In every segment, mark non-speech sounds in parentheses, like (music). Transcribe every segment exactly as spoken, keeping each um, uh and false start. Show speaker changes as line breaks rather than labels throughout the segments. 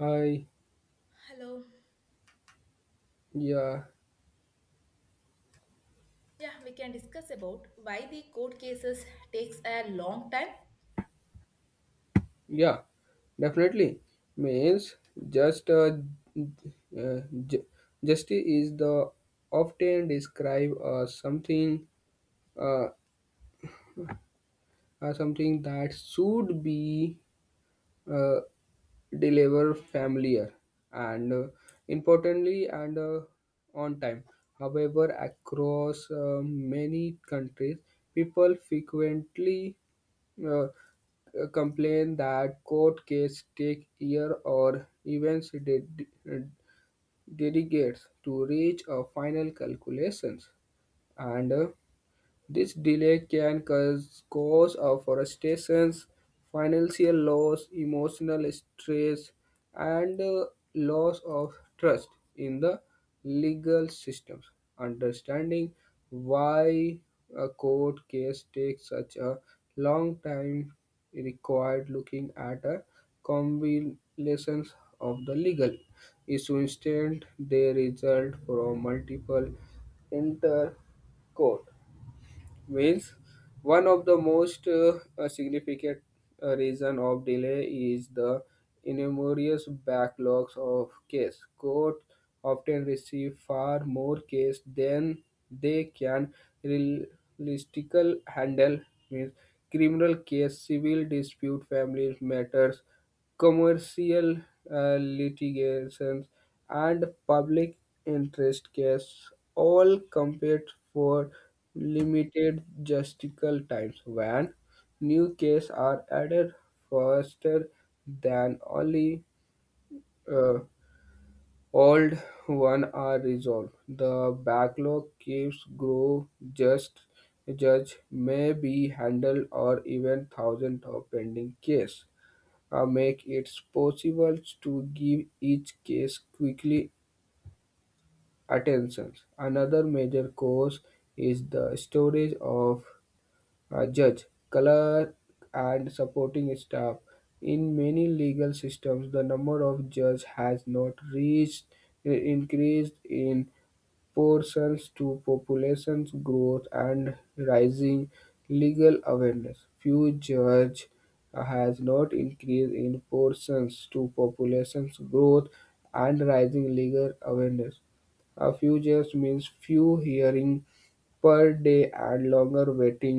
I.
Hello.
Yeah,
Yeah, we can discuss about why the court cases takes a long time.
yeah, definitely. Means just uh, uh, ju- justice is the often described as something, uh, as something that should be uh, deliver familiar and uh, importantly and uh, on time. However, across uh, many countries, people frequently uh, complain that court cases take year or even de- de- delegates to reach a final calculations, and uh, this delay can cause cause of frustration, financial loss, emotional stress, and uh, loss of trust in the legal systems. Understanding why a court case takes such a long time required looking at a combination of the legal issue instead they result from multiple intercourse Wales. One of the most uh, uh, significant uh, reason of delay is the enormous backlogs of case. Court often receive far more case than they can realistically handle. Means criminal case, civil dispute, family matters, commercial uh, litigations, and public interest cases, all compete for limited justical times when new cases are added faster than only uh, old one are resolved. The backlog keeps grow just judge may be handled or even thousand of pending case uh, make it possible to give each case quickly attention. Another major cause is the storage of uh, judge, color and supporting staff. In many legal systems, the number of judges has not reached increased in proportions to population growth and rising legal awareness. Few judges has not increased in proportions to population growth and rising legal awareness. A few years means few hearing per day and longer waiting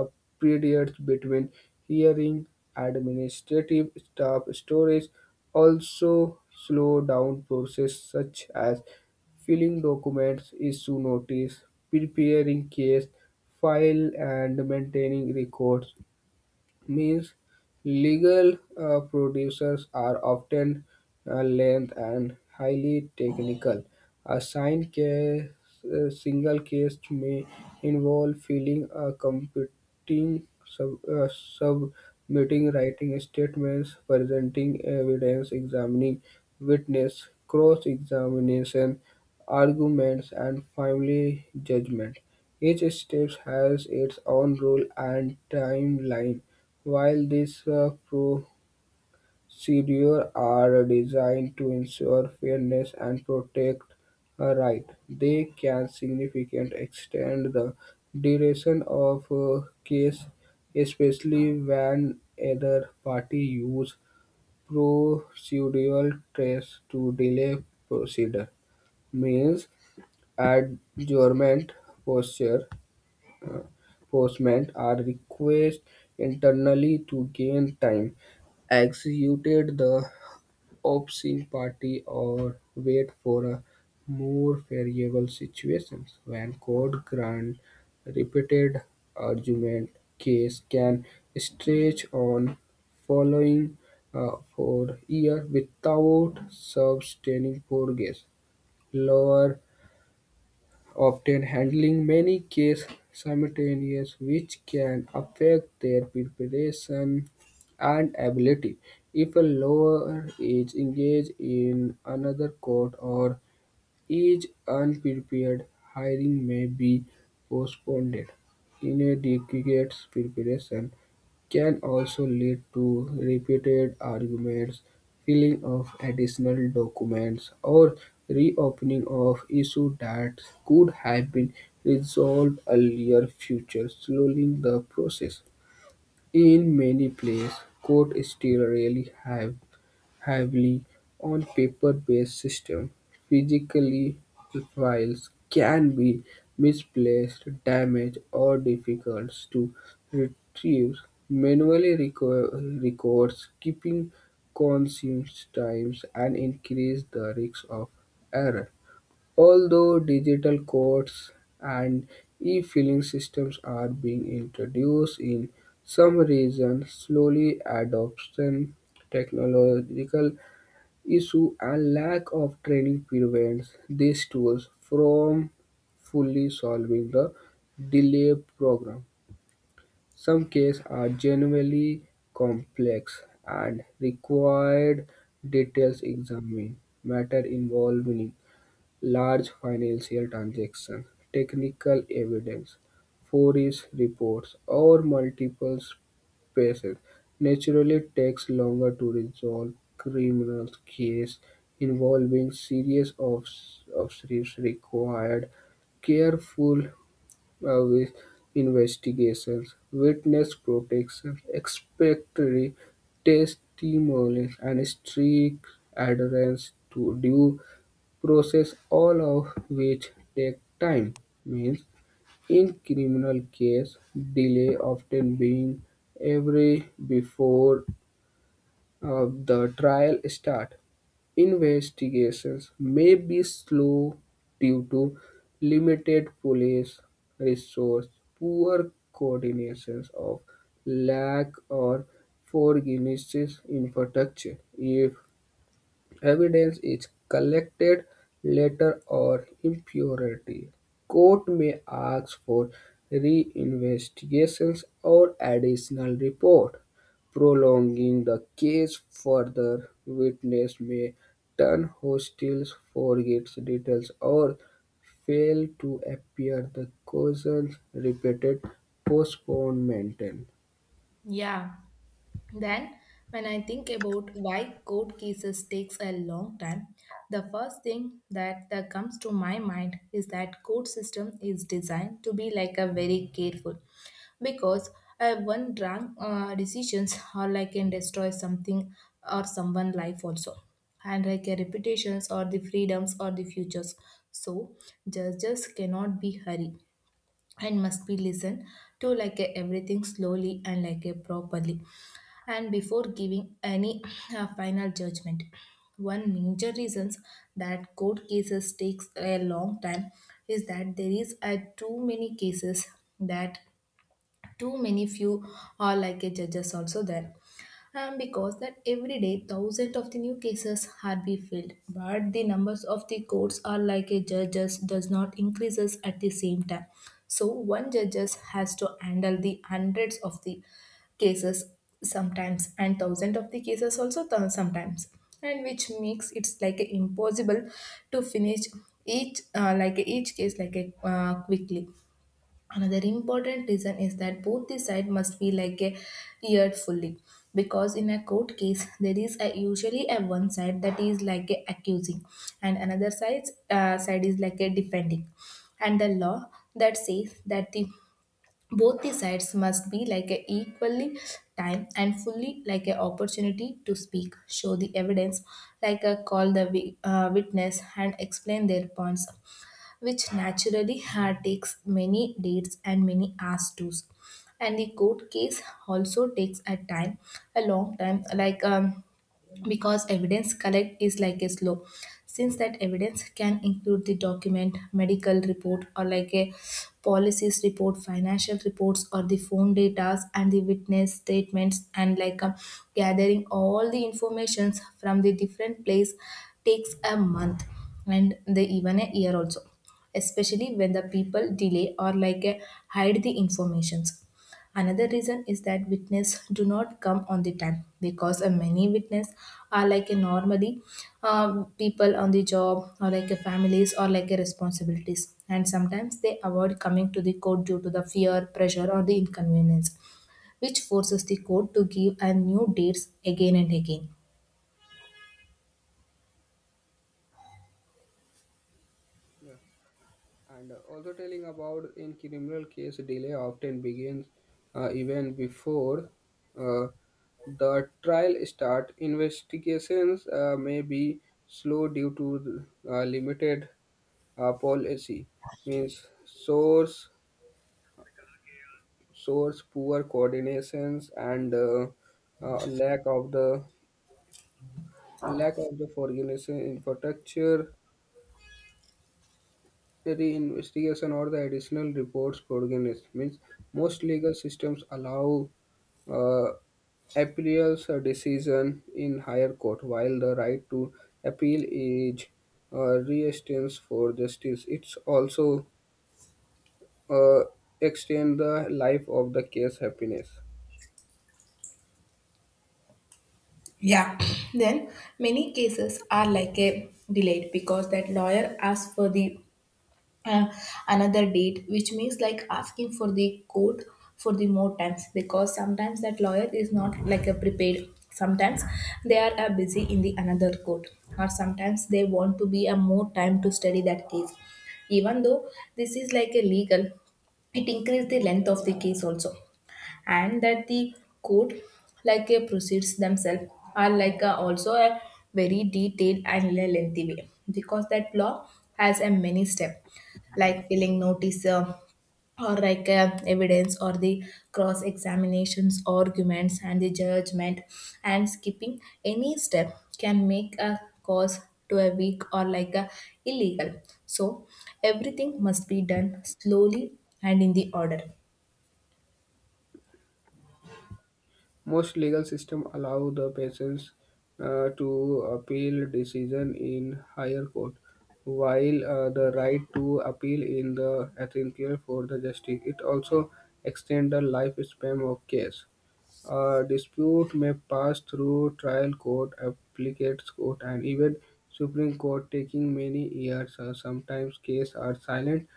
uh, periods between hearing. Administrative staff storage also slow down process such as filling documents, issue notice, preparing case file, and maintaining records means legal uh, producers are often uh, length and highly technical. A signed case, a single case may involve filing a competing sub, uh, submitting writing statements, presenting evidence, examining witness, cross-examination, arguments, and finally judgment. Each stage has its own rule and timeline while these uh, procedures are designed to ensure fairness and protect a right, they can significantly extend the duration of a case, especially when either party use procedural tricks to delay procedure. Means adjournment, posture, enforcement are requested internally to gain time, executed the opposing party, or wait for a more favorable situations. When court grant repeated argument, case can stretch on following uh, for year without sustaining progress. Lower often handling many cases simultaneously, which can affect their preparation and ability. If a lawyer is engaged in another court or each unprepared hiring may be postponed; inadequate preparation can also lead to repeated arguments, filling of additional documents, or reopening of issues that could have been resolved earlier, future slowing the process. In many places, courts still rarely have heavily on paper-based systems, physically files can be misplaced, damaged, or difficult to retrieve manually requ- records keeping consumes times and increase the risk of error. Although digital codes and e-filing systems are being introduced in some regions, slowly adoption technological issues and lack of training prevents these tools from fully solving the delay problem. Some cases are genuinely complex and required details examining matter involving large financial transactions, technical evidence, forensic reports, or multiple patents naturally takes longer to resolve criminal cases involving serious offs- offenses required careful uh, with investigations, witness protection, expectory testimonies, and strict adherence to due process, all of which take time, means in criminal case delay often being every before uh, the trial start. Investigations may be slow due to limited police resource, poor coordinations of lack or forgiveness infrastructure. If evidence is collected later or impurity, court may ask for reinvestigation or additional report, prolonging the case further. Witness may turn hostile, forget details, or fail to appear. The causes repeated postponement.
Yeah. Then, when I think about why court cases takes a long time, the first thing that, that comes to my mind is that court system is designed to be like a very careful, because uh, one wrong uh, decisions or like can destroy something or someone life also, and like a reputations or the freedoms or the futures. So judges cannot be hurried and must be listened to like a everything slowly and like a properly and before giving any (clears throat) uh, final judgment. One major reasons that court cases takes a long time is that there is a too many cases that too many few are like a judges also there um, because that every day thousands of the new cases are be filled but the numbers of the courts are like a judges does not increases at the same time, so one judges has to handle the hundreds of the cases sometimes and thousands of the cases also th- sometimes, and which makes it's like a impossible to finish each uh, like a- each case like a, uh, quickly. Another important reason is that both the side must be like a eared fully, because in a court case there is a, usually a one side that is like a accusing and another side uh, side is like a defending, and the law that says that the both the sides must be like a equally time and fully like a opportunity to speak show the evidence, like a call the wi- uh, witness and explain their points, which naturally had takes many dates and many hours too. And the court case also takes a time, a long time, like um, because evidence collect is like a slow, since that evidence can include the document medical report or like a policies report financial reports or the phone data and the witness statements, and like um, gathering all the informations from the different place takes a month and the even a year also, especially when the people delay or like uh, hide the informations. Another reason is that witness do not come on the time, because uh, many witness are like a normally um, people on the job or like a families or like a responsibilities, and sometimes they avoid coming to the court due to the fear, pressure or the inconvenience, which forces the court to give a new dates again and again.
Yeah. And also telling about in criminal case, delay often begins uh, even before uh, the trial start. Investigations uh, may be slow due to uh, limited uh, policy, means source, source poor coordinations and uh, uh, lack of the lack of the organization infrastructure the investigation or the additional reports progenies means most legal systems allow uh, appeals a decision in higher court while the right to appeal is uh, re-extends for justice it's also uh, extend the life of the case happiness.
Yeah, (clears throat) then many cases are like a delayed because that lawyer asks for the uh, another date, which means like asking for the court for the more times because sometimes that lawyer is not like a prepared, sometimes they are uh, busy in the another court, or sometimes they want to be a more time to study that case. Even though this is like a legal, it increase the length of the case also. And that the court like a proceeds themselves are like a, also a very detailed and a lengthy way, because that law has a many step, like filling notice uh, or like uh, evidence or the cross examinations arguments and the judgment, and skipping any step can make a cause to a weak or like a illegal. So everything must be done slowly and in the order.
Most legal systems allow the patients uh, to appeal decision in higher court, while uh, the right to appeal in the Attorney for the justice. It also extends the lifespan of case. A dispute may pass through trial court, appellate court, and even Supreme Court, taking many years. Uh, sometimes cases are silent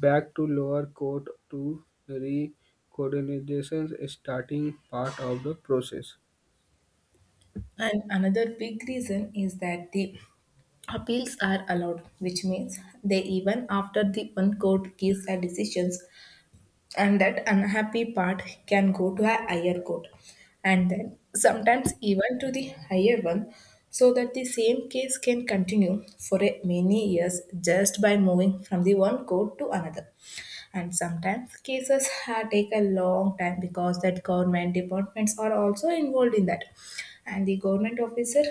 back to lower court to reconsideration starting part of the process.
And another big reason is that the appeals are allowed, which means they even after the one court gives a decision, and that unhappy part can go to a higher court, and then sometimes even to the higher one, so that the same case can continue for a many years just by moving from the one court to another. And sometimes cases ha- take a long time because that government departments are also involved in that, and the government officer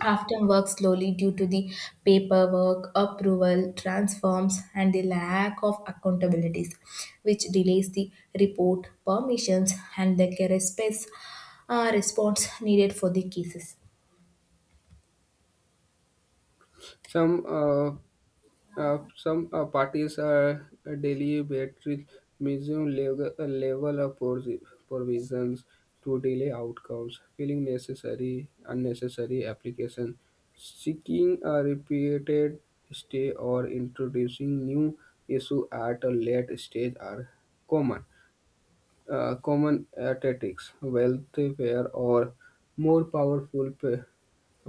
often work slowly due to the paperwork, approval, transforms, and the lack of accountabilities, which delays the report, permissions, and the response, uh, response needed for the cases.
Some uh, Uh, some uh, parties are uh, daily battery museum level, level of provi- provisions to delay outcomes, feeling necessary, unnecessary application, seeking a repeated stay or introducing new issue at a late stage are common. Uh, common tactics, wealth, or more powerful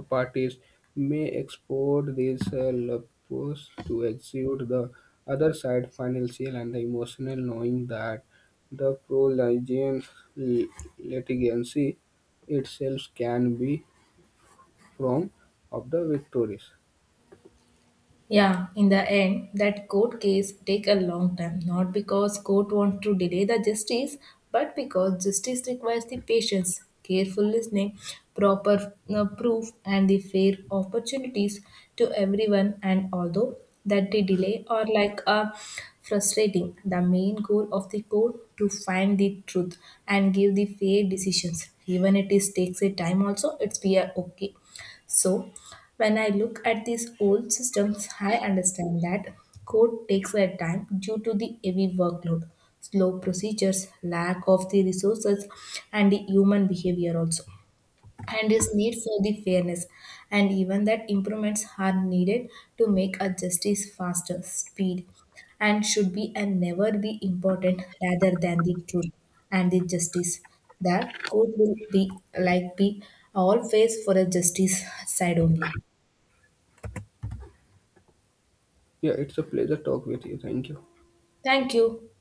parties may export these uh, lupus to exude the other side financial and the emotional knowing that the prolonged li- litigancy itself can be from of the victories.
Yeah, in the end, that court case take a long time, not because court want to delay the justice, but because justice requires the patience, careful listening, proper uh, proof, and the fair opportunities to everyone. And although that the delay or like a frustrating, the main goal of the court to find the truth and give the fair decisions. Even it is takes a time also, it's we are okay. So when I look at these old systems, I understand that code takes their time due to the heavy workload, slow procedures, lack of the resources, and the human behavior also, and this need for the fairness. And even that improvements are needed to make a justice faster, speed, and should be and never be important rather than the truth and the justice. That code will be like be all face for a justice side only.
Yeah, it's a pleasure talk with you. Thank you.
Thank you.